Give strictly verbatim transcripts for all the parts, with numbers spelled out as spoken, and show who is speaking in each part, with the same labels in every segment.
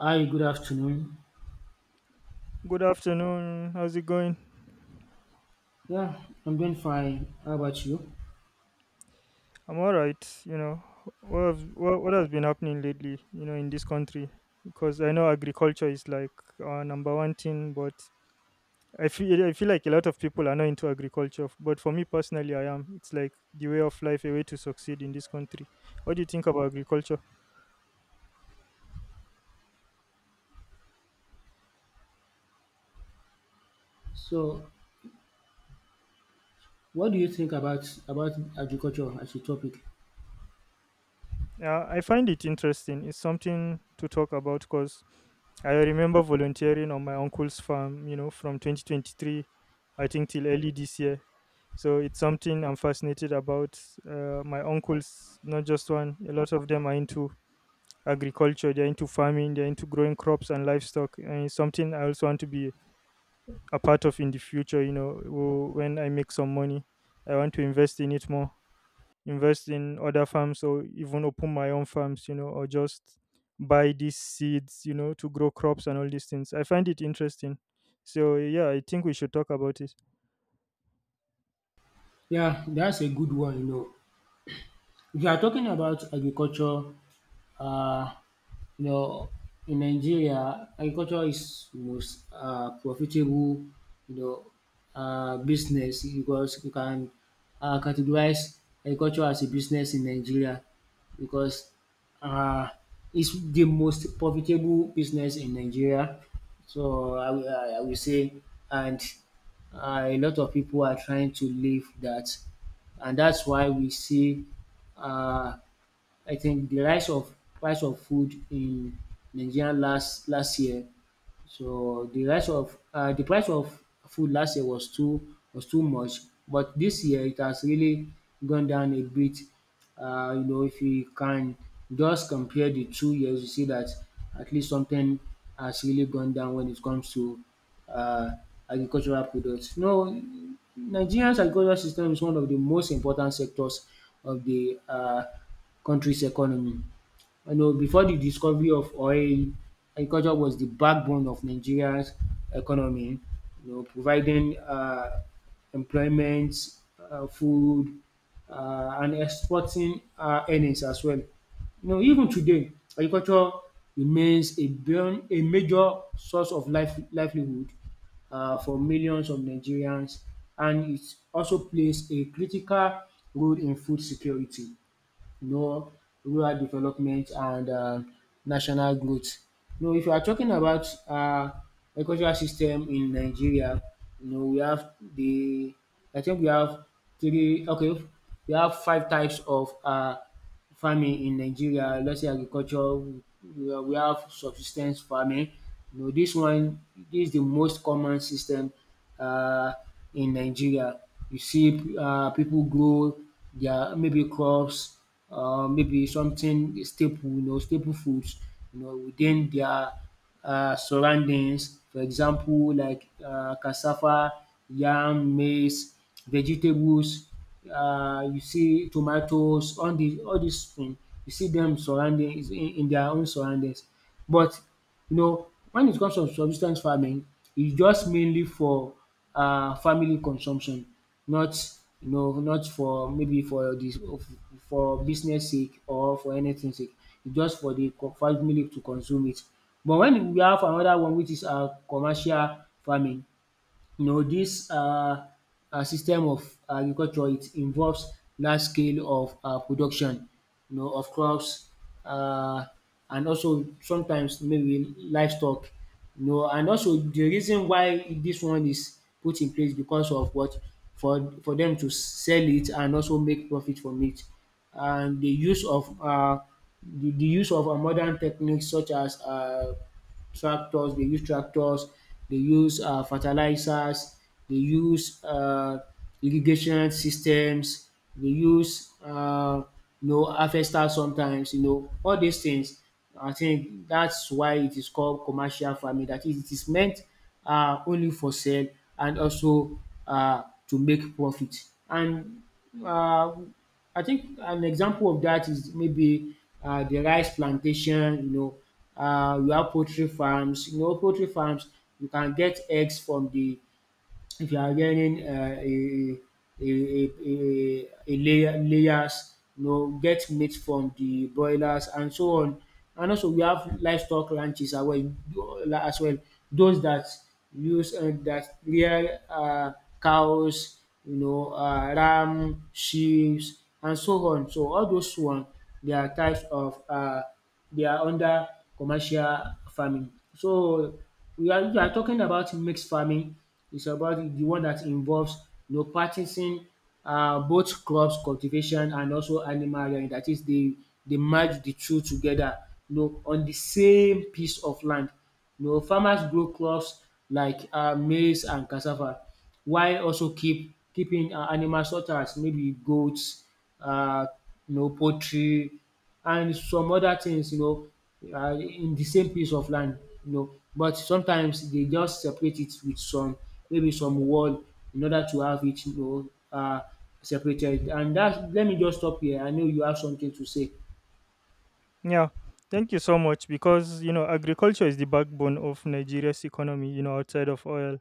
Speaker 1: Hi, good afternoon.
Speaker 2: Good afternoon. How's it going?
Speaker 1: Yeah, I'm doing fine. How about you?
Speaker 2: I'm all right. You know, what have, what, what has been happening lately, you know, in this country? Because I know agriculture is like our number one thing, but I feel I feel like a lot of people are not into agriculture. But for me personally, I am. It's like the way of life, a way to succeed in this country. What do you think about agriculture?
Speaker 1: So, what do you think about about agriculture as a topic?
Speaker 2: Uh, I find it interesting. It's something to talk about because I remember volunteering on my uncle's farm, you know, from twenty twenty-three, I think, till early this year. So it's something I'm fascinated about. Uh, my uncles, not just one, a lot of them are into agriculture, they're into farming, they're into growing crops and livestock. And it's something I also want to be a part of in the future, you know, w- when I make some money. I want to invest in it more, invest in other farms or even open my own farms, you know, or just buy these seeds, you know, to grow crops and all these things. I find it interesting, so yeah, I think we should talk about it.
Speaker 1: Yeah, that's a good one, you know. If you are talking about agriculture, uh, you know, in Nigeria, agriculture is most uh, profitable, you know, uh, business because you can uh, categorize agriculture as a business in Nigeria because uh, it's the most profitable business in Nigeria. So I, will- I, I will say, and uh, a lot of people are trying to leave that, and that's why we see, uh, I think, the rise of price of food in Nigeria last last year. So the rise of uh the price of food last year was too— was too much, but this year it has really gone down a bit. Uh, you know, if you can just compare the two years, you see that at least something has really gone down when it comes to uh agricultural products. Now, Nigeria's agricultural system is one of the most important sectors of the uh country's economy. You know, before the discovery of oil, agriculture was the backbone of Nigeria's economy, you know, providing uh, employment, uh, food, uh, and exporting uh, earnings as well. You know, even today, agriculture remains a, burn, a major source of life, livelihood, uh, for millions of Nigerians, and it also plays a critical role in food security, you know, rural development, and uh, national growth. You know, if you are talking about uh, agricultural system in Nigeria, you know, we have the— I think we have three, okay, we have five types of uh, farming in Nigeria. Let's say agriculture, we we have subsis ten ce farming. You know this one. This is the most common system, Uh, in Nigeria. You see uh, people grow their maybe crops, uh, maybe something staple, you know, staple foods, you know, within their uh, surroundings. For example, like uh, cassava, yam, maize, vegetables. Uh, you see tomatoes, all the all these things. You see them surrounding is in, in their own surroundings. But you know, when it comes to subsistence farming, it's just mainly for uh, family consumption, not, you know, not for maybe for this for business sake or for anything sake, just for the co- family to consume it. But when we have another one, which is um commercial farming, you know, dis um system of agriculture, it involves large scale of um production, you know, of crops, um and also sometimes maybe livestock, you know. And also the reason why this one is put in place, because of what? for for them to sell it and also make profit from it. And the use of um the the use of uh, modern techniques, such as um tractors, they use tractors, they use uh, fertilizers, they use uh, irrigation systems, they use uh, you know, harvesters sometimes, you know, all these things. I think that's why it is called commercial farming. That is, it is meant uh, only for sale and also uh, to make profit. And uh, I think an example of that is maybe uh, the rice plantation, you know, uh, you have poultry farms, you know, poultry farms. You can get eggs from the, if you are getting uh, a a a a a layer, layers you know, get meat from the broilers, and so on. And also we have livestock ranches as well as well, those that use uh, that rear uh, cows, you know, uh, ram, sheeps, and so on. So all those one, they are types of uh, they are under commercial farming. So we are we are talking about mixed farming. It's about the one that involves, you know, practicing um both crops cultivation and also animal rearing. Dat is dey merge the two together, you know, on the same piece of land. You know, farmers grow crops like uh maize and cassava, while also keep keeping uh animals such as maybe goats, uh you know, poultry, and some other things, you know, are in the same piece of land, you know. But sometimes they just separate it with some, maybe some wall, in order to have it, you know, um separated. And that, let me just stop here, I know you have something to say.
Speaker 2: Yeah, thank you so much because you know agriculture is the backbone of Nigeria's economy. You know, outside of oil,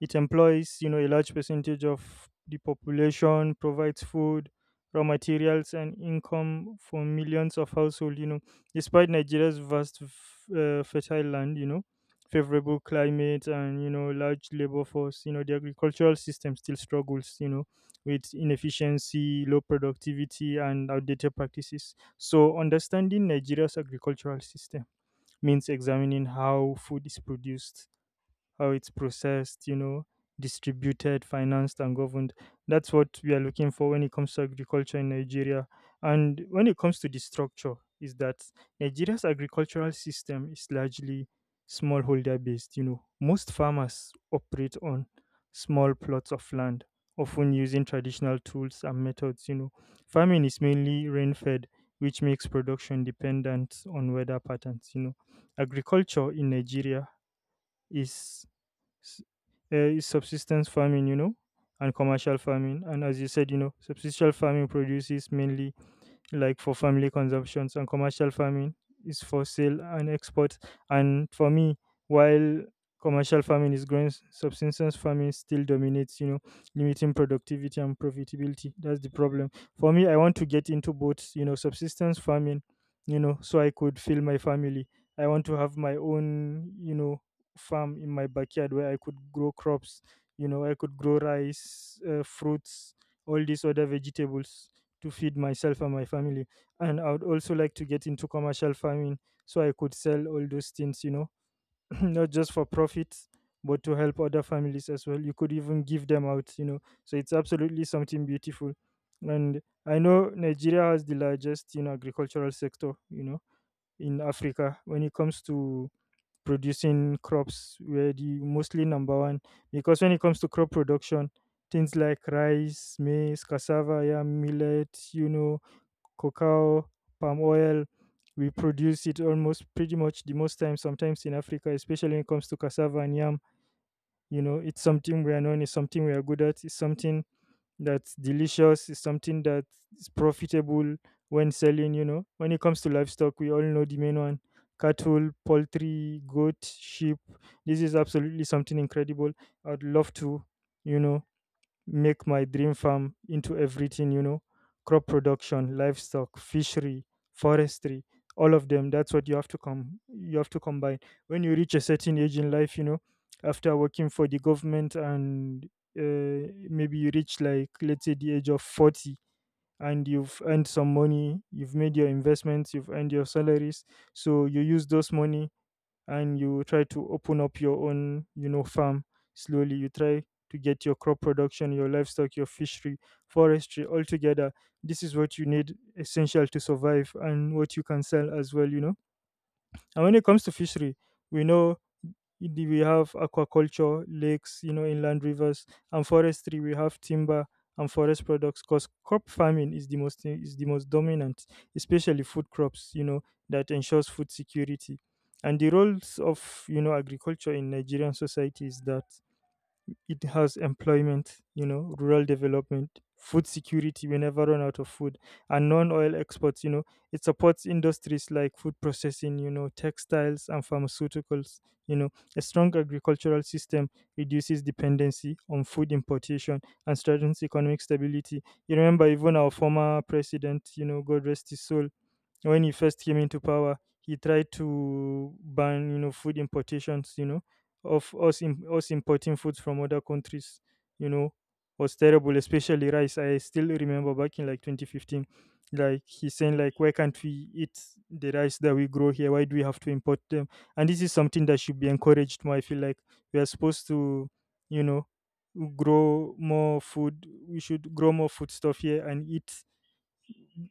Speaker 2: it employs, you know, a large percentage of the population, provides food, raw materials, and income for millions of households. You know, despite Nigeria's vast, f- uh, fertile land, you know, favorable climate, and you know large labor force, you know the agricultural system still struggles. You know, with inefficiency, low productivity, and outdated practices. So, understanding Nigeria's agricultural system means examining how food is produced, how it's processed, you know, distributed, financed, and governed. That's what we are looking for when it comes to agriculture in Nigeria. And when it comes to the structure, is that Nigeria's agricultural system is largely smallholder based. You know, most farmers operate on small plots of land, often using traditional tools and methods. You know, farming is mainly rain fed, which makes production dependent on weather patterns. You know, agriculture in Nigeria is s- eh, is subsistence farming, you know, and commercial farming. And as you said, you know, subsistential farming produces mainly like for family consumptions and commercial farming is for sale and export. And for me, while commercial farming is growing, s- subsistence farming still dominates, you know, limiting productivity and profitability. That's the problem. For me, I want to get into both, you know, subsistence farming, you know, so I could fill my family. I want to have my own, you know, farm in my backyard where I could grow crops, you know, I could grow rice, uh, fruits, all these other vegetables to feed myself and my family. And I would also like to get into commercial farming so I could sell all those things, you know, not just for profit, but to help other families as well. You could even give them out, you know. So it's absolutely something beautiful. And I know Nigeria has the largest, you know, agricultural sector, you know, in Africa when it comes to producing crops, we're the mostly number one. Because when it comes to crop production, things like rice, maize, cassava, yeah, millet, you know, cacao, palm oil. We produce it almost pretty much the most time, sometimes in Africa, especially when it comes to cassava and yam. You know, it's something we are known, it's something we are good at, it's something that's delicious, it's something that is profitable when selling, you know. When it comes to livestock, we all know the main one: cattle, poultry, goat, sheep. This is absolutely something incredible. I'd love to, you know, make my dream farm into everything, you know, crop production, livestock, fishery, forestry, all of them. That's what you have to come, you have to combine. When you reach a certain age in life, you know, after working for the government and uh, maybe you reach like let's say the age of forty, and you've earned some money, you've made your investments, you've earned your salaries, so you use those money and you try to open up your own, you know, farm. Slowly you try to get your crop production, your livestock, your fishery, forestry all together. This is what you need essential to survive and what you can sell as well, you know. And when it comes to fishery, we know the- we have aquaculture, lakes, you know, inland rivers, and forestry. We have timber and forest products. Because crop farming is the most is the most dominant, especially food crops. You know that ensures food security. And the roles of you know agriculture in Nigerian society is that it has employment, you know, rural development, food security. We never run out of food, and non-oil exports. You know, it supports industries like food processing, you know, textiles and pharmaceuticals. You know, a strong agricultural system reduces dependency on food importation and strengthens economic stability. You remember, even our former president, you know, God rest his soul, when he first came into power, he tried to ban you know food importations. You know, of us im- us importing foods from other countries. You know, was terrible, especially rice. I still remember back in like twenty fifteen, like he's saying like, why can't we eat the rice that we grow here? Why do we have to import them? And this is something that should be encouraged more. I feel like we are supposed to, you know, grow more food. We should grow more food stuff here and eat,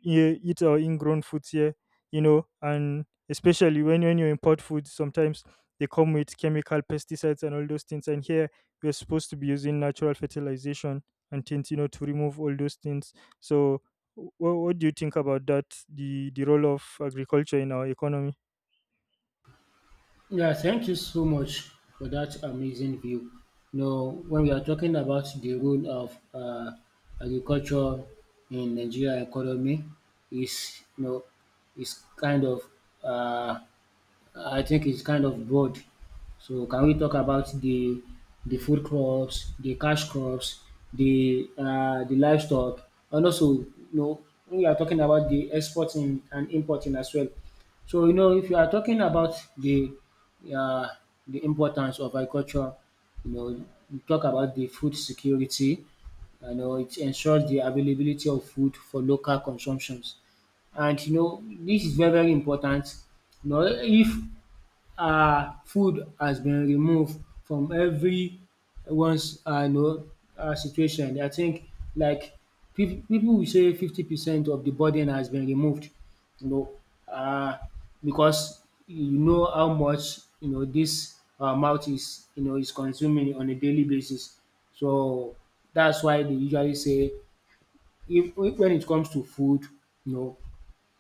Speaker 2: yeah, eat our ingrown foods here, you know, and especially when, when you import food, sometimes they come with chemical pesticides and all those things. And here we're supposed to be using natural fertilization and things, you know, to remove all those things. So, what, what do you think about that? The the role of agriculture in our economy?
Speaker 1: Yeah, thank you so much for that amazing view. You know, when we are talking about the role of um agriculture in Nigeria economy, is, you know, is kind of— um I think it's kind of broad. So can we talk about the the food crops, the cash crops, the uh, the livestock, and also, you know, we are talking about the exporting and importing as well. So you know, if you are talking about the uh, the importance of agriculture, you know, you talk about the food security. You know, it ensures the availability of food for local consumptions, and you know, this is very very important. You know, if um food has been removed from everyone's um you know, um situation, I think like, pip people will say fifty percent of the burden has been removed, you know, um because you know how much, you know, this our mouth is, you know, is consuming on a daily basis. So that's why they usually say, if when it comes to food, you know,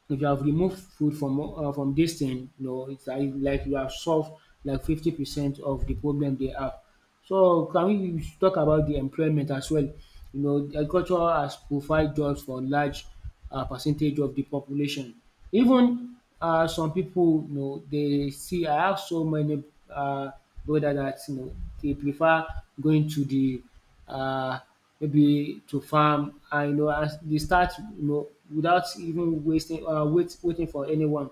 Speaker 1: if you have removed food from uh, from this thing, you know, it's like, like you have solved like fifty percent of the problem they have. So can we we should talk about the employment as well. You know, agriculture has provide jobs for large uh, percentage of the population. Even uh, some people, you know, they see, I have so many uh, brothers that, you know, they prefer going to the uh, maybe to farm, and you know, as they start, you know, without even wasting um wait waiting for anyone.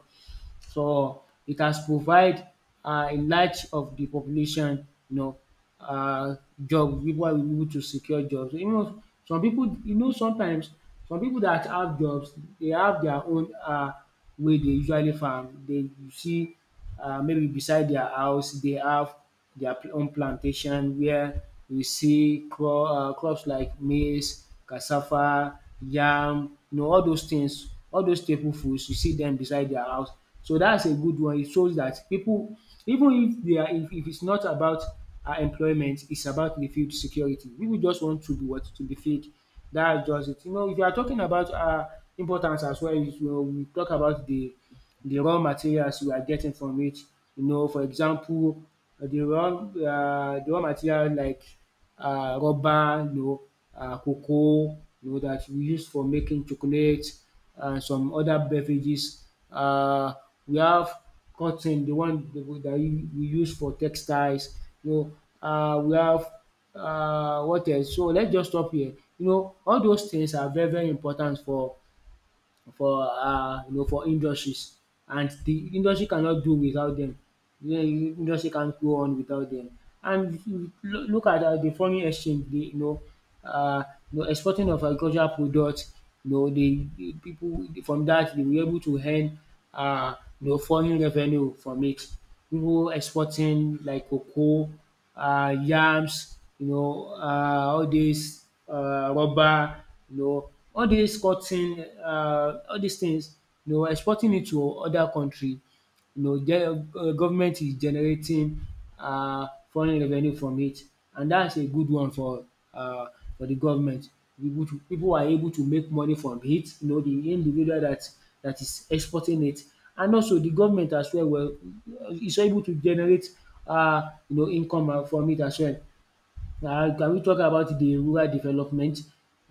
Speaker 1: So it has provide uh a large of the population, you know, uh job. People are able to secure jobs. You know, some people, you know, sometimes some people that have jobs, they have their own uh way they usually farm. They, you see, uh maybe beside their house, they have their pl- own plantation where you see cro- uh, crops like maize, cassava, yam, you know, all those things, all those staple foods, you see them beside their house. So that's a good one. It shows that people, even if they are, if, if it's not about uh, employment, it's about the food security. People just want to be— what— to be fed. That's just it. You know, if you are talking about uh, importance as well, you know, we talk about the the raw materials we are getting from it. You know, for example, uh, the raw uh the raw material like uh rubber, you know, uh cocoa, you know, that we use for making chocolate and some other beverages. uh We have cotton, the one that we that you- we use for textiles, you know, uh we have uh what else? So let's just stop here. You know, all those things are very very important for for uh, you know, for industries, and the industry cannot do without them. The industry can't go on without them. And if you lo- look at um the foreign exchange, the, you know, uh, you know, exporting of agricultural products, you know, the the people from that, they were able to earn, uh, you know, foreign revenue from it. Pipu exporting like cocoa, um yams, you know, um all dis, um rubber, you know, all dis cotton, um all these things, you know, exporting it to other country. You know, the uh, government is generating um foreign revenue from it, and that's a good one for um for the government. People to, people are able to make money from it, you know, the individual that that is exporting it, and also the government as well will, is able to generate um you know, income, um from it as well. um Can we talk about the rural development?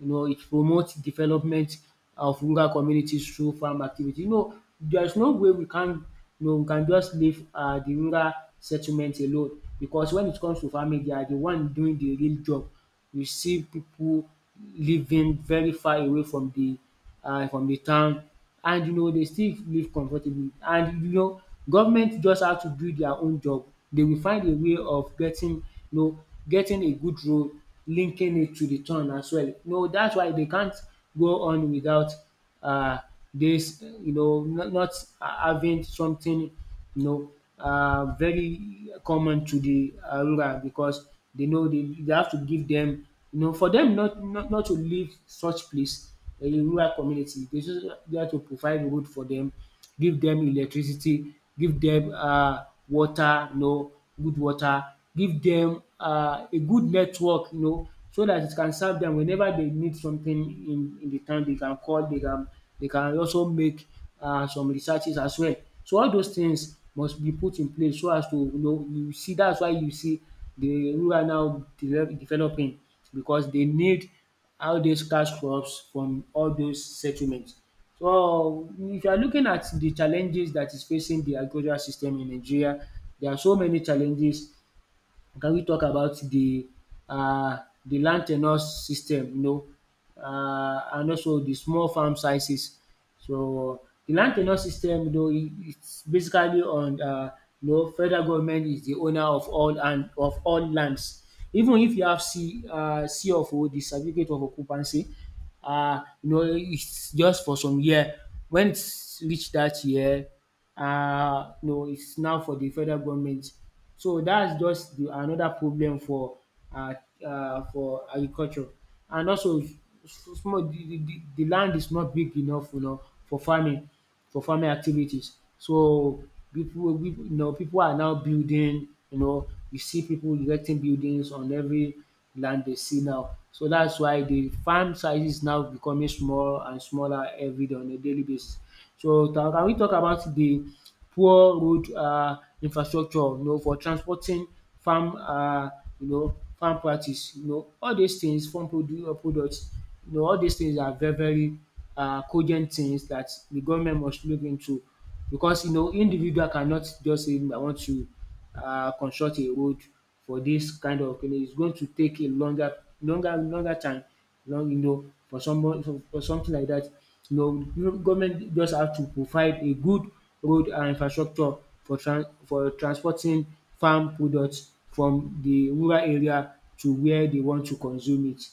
Speaker 1: You know, it promotes development of rural communities through farm activity. You know, there is no way we can, you know, we can just leave um the rural settlement alone, because when it comes to farming, they are the one doing the real job. You see pipu living very far away from the um from the town, and you know, they still live comfortably, and you know, government just have to do their own job. They will find a way of getting, you know, getting a good road linking it to the town as well. You know, that's why they can't go on without um this. You know, not, not having something, you know, uh, very common to the uh, rural, because they know, they, they have to give them, you know, for them not, not, not to leave such place in a rural community. They just they have to provide road for them, give them electricity, give them uh, water, you know, good water, give them uh, a good network, you know, so that it can serve them whenever they need something in, in the town. They can call, they can they can also make uh, some researches as well. So all those things must be put in place so as to, you know you see, that's why you see the rural now develop developing because they need all these cash crops from all those settlements. So if you are looking at the challenges that is facing the agricultural system in Nigeria, there are so many challenges. Can we talk about the uh the land tenure system, you know um and also the small farm sizes? So the land tenure system, you know is basically on, uh you know federal government is the owner of all and of all lands. Even if you have C, uh C of O, the certificate of occupancy, uh you know it's just for some year. When it's reach dat year, uh no, it's now for the federal government. So that's just the another problem for, uh uh for agriculture. And also s- s- small the the the the land is not big enough, you know for farming for farming activities. So people, people you know people are now building, you know you see people erecting buildings on every land they see now. So that's why the farm size is now becoming small and smaller every day on a daily basis. So now can we talk about the poor road um infrastructure, you know for transporting farm, um you know farm practice, you know all dis things, farm produ product? you know all dis things are very very um cogent things dat the government must look into, because, you know individual cannot just say I want to, uh, construct a road for this kind of kini. Is going to take a longer longer longer time, long you know for someone for for something like that. You know you know, government just have to provide a good road and infrastructure for trans for transporting farm products from the rural area to where they want to consume it.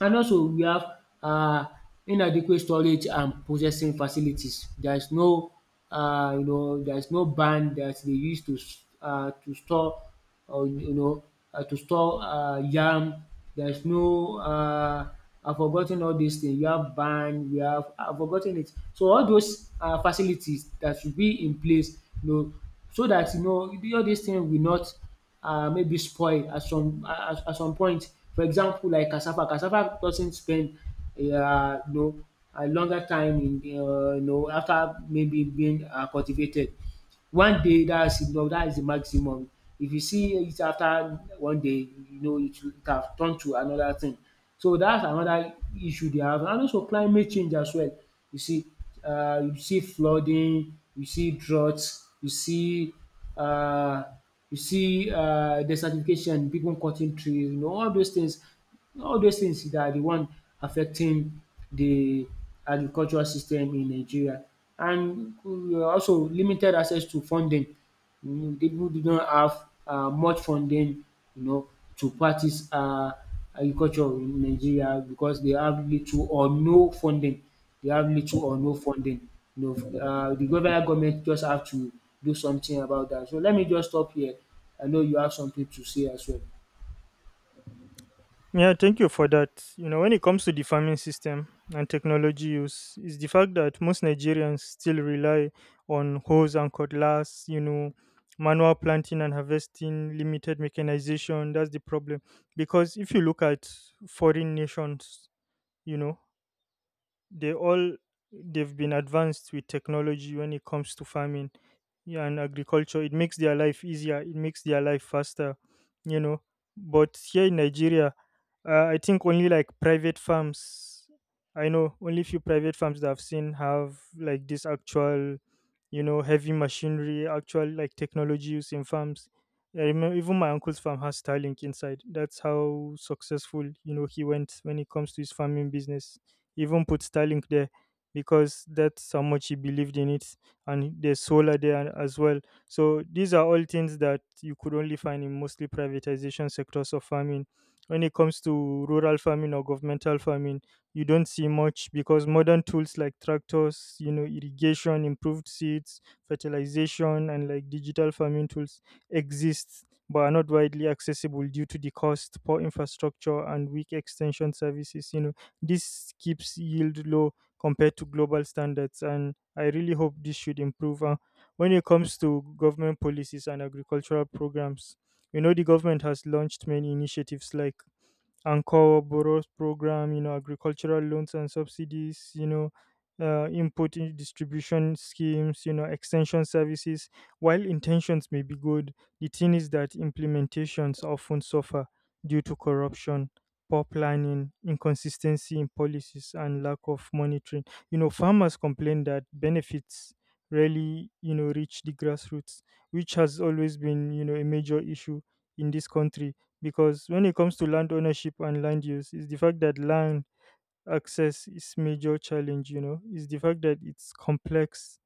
Speaker 1: And also we have um inadequate storage and processing facilities. There is no, um you know there is no barn that they use to, um to store, or, you know uh, to store um yam. There is no, um I've forgotten all these things. We have barn, we have I've forgotten it. So all those um facilities that should be in place, you know so that, you know all these things will not, uh, maybe spoil at some at, at some point. For example, like cassava, cassava doesn't spend, uh, you know, a longer time in, uh, you know after maybe being uh, cultivated. One day that's enough, that is the maximum. If you see it after one day, you know it will- it have turned to another thing. So that's another issue they have. And also climate change as well. You see, uh, you see flooding, you see droughts, you see uh, you see uh, desertification, people cutting trees, you know all those things, all those things that are the one affecting the agricultural system in Nigeria. And we are also limited access to funding. You know, people do not have uh much funding, you know to practice um agriculture in Nigeria because they have little or no funding. They have little or no funding. You know, um the federal government just have to do something about that. So let me just stop here. I know you have something to say as well.
Speaker 2: Yeah, thank you for that. You know, when it comes to the farming system and technology use, is the fact that most Nigerians still rely on hoes and cutlass, you know, manual planting and harvesting, limited mechanization. That's the problem. Because if you look at foreign nations, you know, they all they've been advanced with technology when it comes to farming, yeah, and agriculture. It makes their life easier. It makes their life faster, you know. But here in Nigeria, uh, I think only like private farms. I know only few private farms that I've seen have like this actual, you know, heavy machinery, actual like technology used in farms. I remember even my uncle's farm has Starlink inside. That's how successful you know he went when it comes to his farming business. He even put Starlink there because that's how much he believed in it, and there's solar there as well. So these are all things that you could only find in mostly privatization sectors of farming. When it comes to rural farming or governmental farming, you don't see much because modern tools like tractors, you know, irrigation, improved seeds, fertilization, and like digital farming tools exist but are not widely accessible due to the cost, poor infrastructure, and weak extension services. You know, this keeps yield low compared to global standards, and I really hope this should improve. Uh, when it comes to government policies and agricultural programs, you know, the government has launched many initiatives like Ankow borrows program, you know, agricultural loans and subsidies, you know, uh, input in distribution schemes, you know, extension services. While intentions may be good, the thing is that implementations often suffer due to corruption, poor planning, inconsistency in policies, and lack of monitoring. You know, farmers complain that benefits rarely, you know, reach the grassroots, which has always been, you know, a major issue in this country. Because when it comes to land ownership and land use is the fact that land access is major challenge, you know, is the fact that it's complex,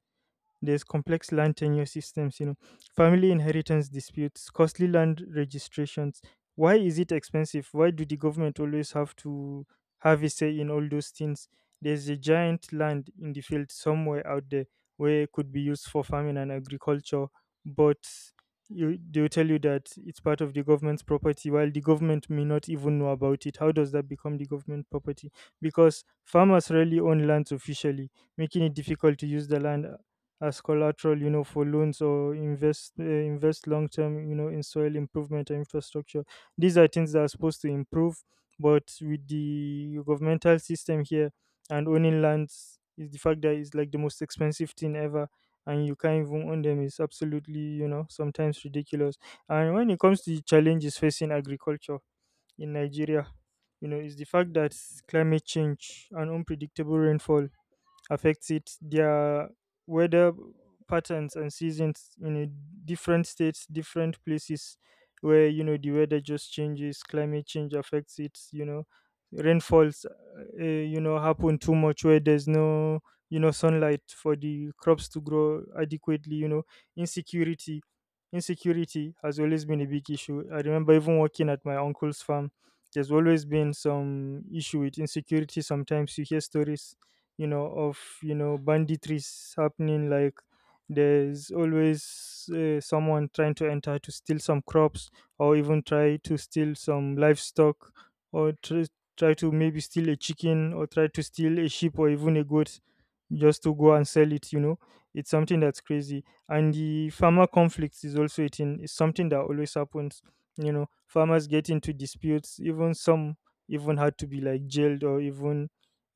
Speaker 2: there's complex land tenure systems, you know, family inheritance disputes, costly land registrations. Why is it expensive? Why do the government always have to have a say in all those things? There's a giant land in the field somewhere out there where it could be used for farming and agriculture, but you they'll tell you that it's part of the government's property while the government may not even know about it. How does that become the government property? Because farmers rarely own lands officially, making it difficult to use the land as collateral, you know, for loans or invest uh, invest long term, you know, in soil improvement and infrastructure. These are things that are supposed to improve, but with the governmental system here and owning lands is the fact that it's like the most expensive thing ever, and you can't even own them is absolutely, you know, sometimes ridiculous. And when it comes to the challenges facing agriculture in Nigeria, you know, is the fact that climate change and unpredictable rainfall affects it. Their weather patterns and seasons in a different states, different places where you know the weather just changes, climate change affects it, you know. Rainfalls, uh, eh, you know, happen too much where there's no, you know, sunlight for the crops to grow adequately. You know, insecurity, insecurity has always been a big issue. I remember even working at my uncle's farm, there's always been some issue with insecurity. Sometimes you hear stories you know of you know banditries happening like there's always uh, someone trying to enter to steal some crops, or even try to steal some livestock, or tr- try to maybe steal a chicken, or try to steal a sheep or even a goat just to go and sell it you know It's something that's crazy. And the farmer conflicts is also a thing. It's something that always happens. you know farmers get into disputes. Even some even had to be like jailed, or even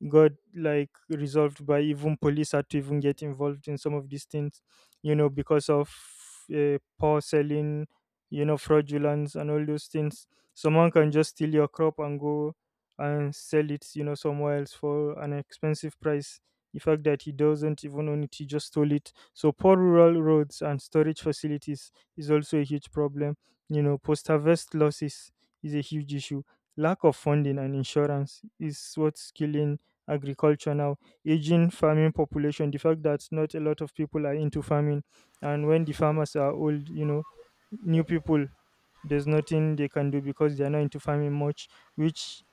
Speaker 2: got like resolved by, even police had to even get involved in some of these things, you know because of uh, poor selling, you know fraudulence and all those things. Someone can just steal your crop and go and sell it you know somewhere else for an expensive price, the fact that he doesn't even own it, he just stole it. So poor rural roads and storage facilities is also a huge problem. you know post harvest losses is a huge issue. Lack of funding and insurance is what's killing agriculture now. Aging farming population, the fact that not a lot of people are into farming. And when the farmers are old, you know, new people, there's nothing they can do because they are not into farming much, which,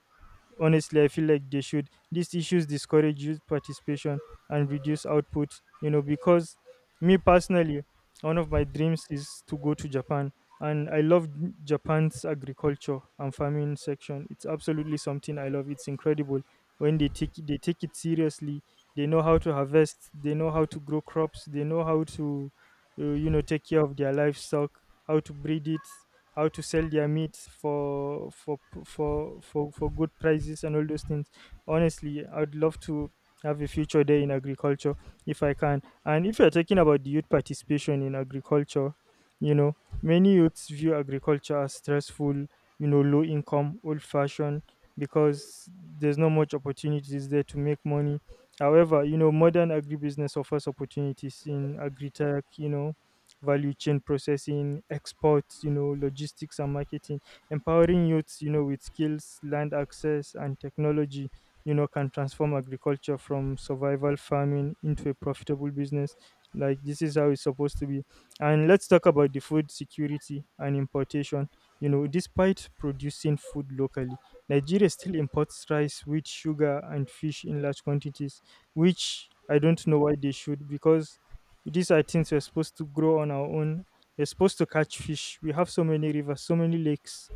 Speaker 2: honestly, I feel like they should. These issues discourage youth participation and reduce output, you know, because, me personally, one of my dreams is to go to Japan. And I love N- Japan's agriculture and farming section. It's absolutely something I love. It's incredible when they take they take it seriously. They know how to harvest. They know how to grow crops. They know how to, uh, you know, take care of their livestock, how to breed it, how to sell their meat for for p- for for for good prices and all those things. Honestly, I'd love to have a future there in agriculture if I can. And if you're talking about the youth participation in agriculture, you know, many youths view agriculture as stressful, you know, low income, old fashioned, because there's not much opportunities there to make money. However, you know, modern agribusiness offers opportunities in agri-tech, you know, value chain processing, exports, you know, logistics and marketing. Empowering youths, you know, with skills, land access, and technology, you know, can transform agriculture from survival farming into a profitable business. Like this is how it's supposed to be. And let's talk about the food security and importation. You know, despite producing food locally, Nigeria still imports rice, wheat, sugar, and fish in large quantities, which I don't know why they should, because these are things we're supposed to grow on our own. We're supposed to catch fish. We have so many rivers, so many lakes.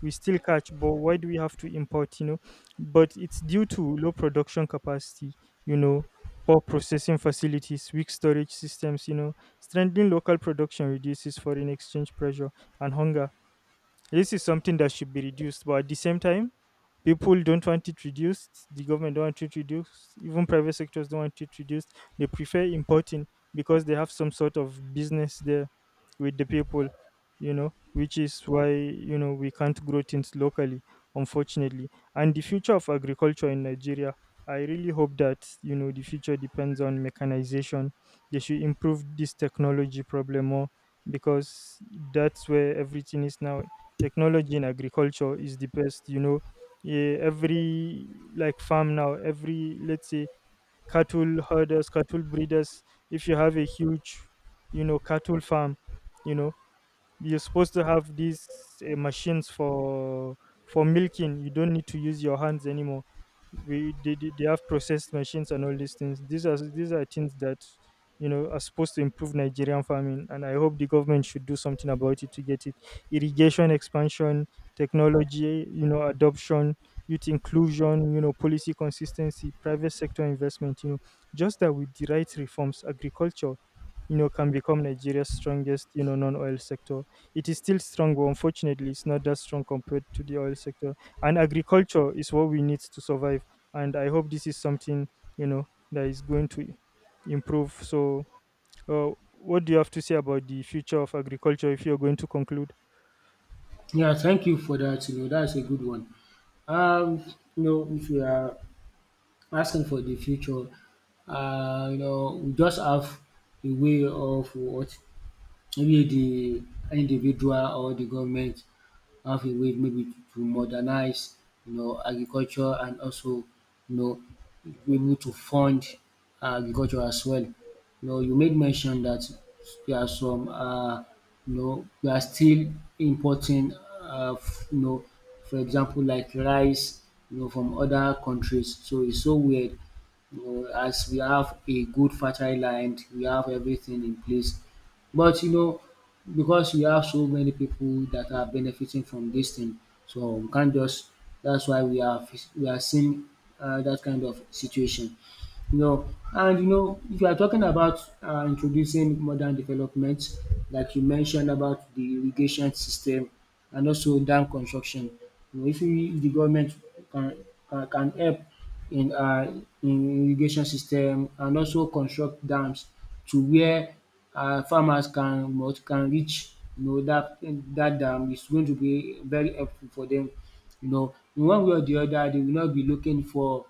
Speaker 2: We still catch, but why do we have to import? You know, but it's due to low production capacity. You know, poor processing facilities, weak storage systems. You know, strengthening local production reduces foreign exchange pressure and hunger. This is something that should be reduced, but at the same time, people don't want it reduced. The government don't want it reduced. Even private sectors don't want it reduced. They prefer importing because they have some sort of business there with the people, you know, which is why you know we can't grow things locally, unfortunately. And the future of agriculture in Nigeria, I really hope that you know the future depends on mechanization. They should improve this technology problem more because that's where everything is now. Technology in agriculture is the best, you know. Yeah, every like farm now, every let's say cattle herders, cattle breeders, if you have a huge, you know, cattle farm, you know, you're supposed to have these uh, machines for for milking. You don't need to use your hands anymore. We they, they they have processed machines and all these things. These are these are things that you know are supposed to improve Nigerian farming, and I hope the government should do something about it to get it. Irrigation expansion, technology, you know, adoption, youth inclusion, you know, policy consistency, private sector investment. You know, just that with the right reforms, agriculture, you know, can become Nigeria's strongest, you know, non-oil sector. It is still strong, but unfortunately, it's not that strong compared to the oil sector. And agriculture is what we need to survive. And I hope this is something, you know, that is going to improve. So, uh, what do you have to say about the future of agriculture if you're going to conclude?
Speaker 1: Yeah, thank you for that. You know, that's a good one. Um you know, if you are asking for the future, um you know, we just have a way of what maybe the individual or the government have a way maybe to to modernize, you know, agriculture, and also, you know, be able to fund agriculture as well. You know, you made mention that there are some, uh, you know, we are still importing, uh, f- you know, for example, like rice, you know, from other countries. So it's so weird. You know, as we have a good fertile land, we have everything in place. But, you know, because we have so many people that are benefiting from this thing, so we can't just. That's why we are fac- we are seeing, uh, that kind of situation you know. And, you know, if you are talking about, uh, introducing modern developments, like you mentioned about the irrigation system and also dam construction, you know, if, we, if the government can, can, can help in, uh, in irrigation system and also construct dams to where, uh, farmers can what can reach, you know that that dam is going to be very helpful for them, you know in one way or the other. They will not be looking for,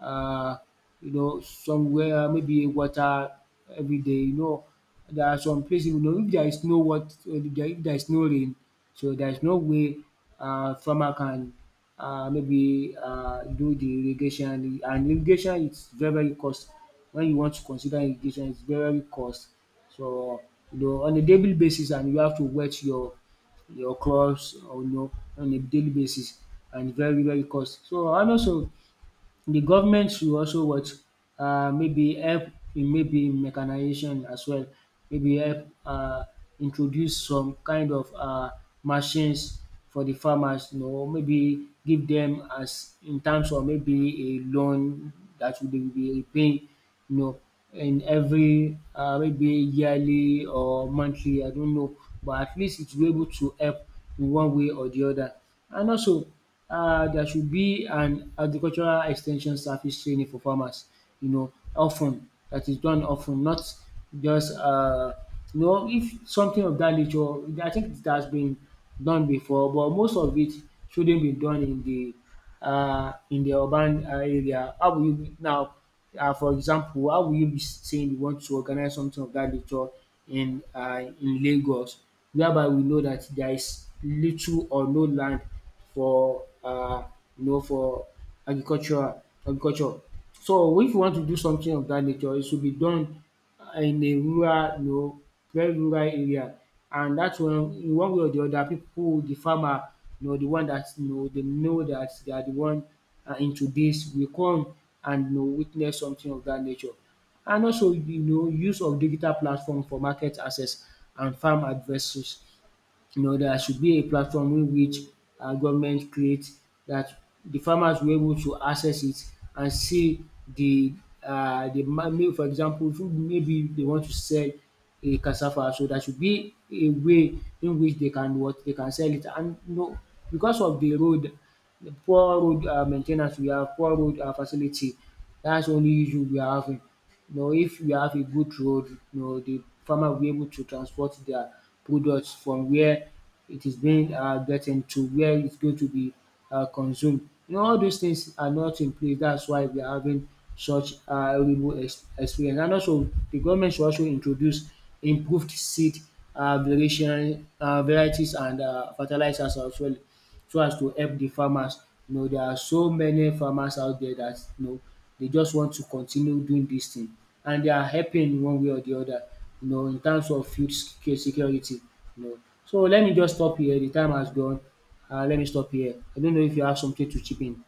Speaker 1: uh, you know, somewhere, maybe water every day. You know, there are some places, you know, if there is no what, if there if there is no rain, so there is no way, uh, farmer can, uh, maybe uh, do the irrigation. And irrigation is very very cost. When you want to consider irrigation, it's very very cost. So, you know, on a daily basis, and you have to wet your your crops, or, you know on a daily basis, and very very cost. So and also the government should also what, uh, maybe help in, maybe in mechanization as well, maybe help, uh, introduce some kind of uh machines for the farmers, you know maybe give them, as in terms of, maybe a loan that will be be repaying, you know in every, uh, maybe yearly or monthly, I don't know, but at least it will be able to help in one way or the other. And also, uh, there should be an agricultural extension service training for farmers, you know, often, that is done often, not just, uh, you know, if something of that nature. I think it has been done before, but most of it shouldn't be done in the, uh, in the urban, uh, area. How will you be- now, uh, for example, how will you be saying you want to organize something of that nature in, uh, in Lagos, whereby we know that there is little or no land for, uh, you know for agriculture, agriculture. So if you want to do something of that nature, it should be done, uh, in a rural, you know very rural area, and that's when, in one way or the other, people, the farmer, you know the one that, you know dem know that they are the one um into this, will come and, you know witness something of that nature. And also, you know use of digital platform for market access and farm advices. you know there should be a platform in which um government creates, that the farmers will be able to access it and see the, um the, ma may- for example, if maybe they want to sell a cassava, so there should be a way in which they can what they can sell it. And, you know because of the road, the poor road, um main we have, poor road um facility, that's the only issue we are having. You know, if you have a good road, you know, the farmer will be able to transport their products from where it is being um gotten to where it's going to be um consumed. You know, all those things are not in place. That's why we are having such um horrible ex experience. And also the government should also introduce improved seed, um variation um varieties, and um fertilizers as well, so as to help the farmers. You know, there are so many farmers out there that, you know they just want to continue doing this thing, and they are helping in one way or the other, you know in terms of food sec- security you know. So let me just stop here, the time has gone, and let me stop here. I don't know if you have something to chip in?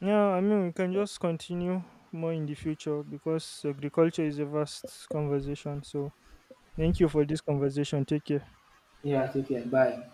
Speaker 2: Yeah, I mean, we can just continue more in the future because agriculture is a vast conversation. So, thank you for this conversation. Take care.
Speaker 1: Yeah, take care, bye.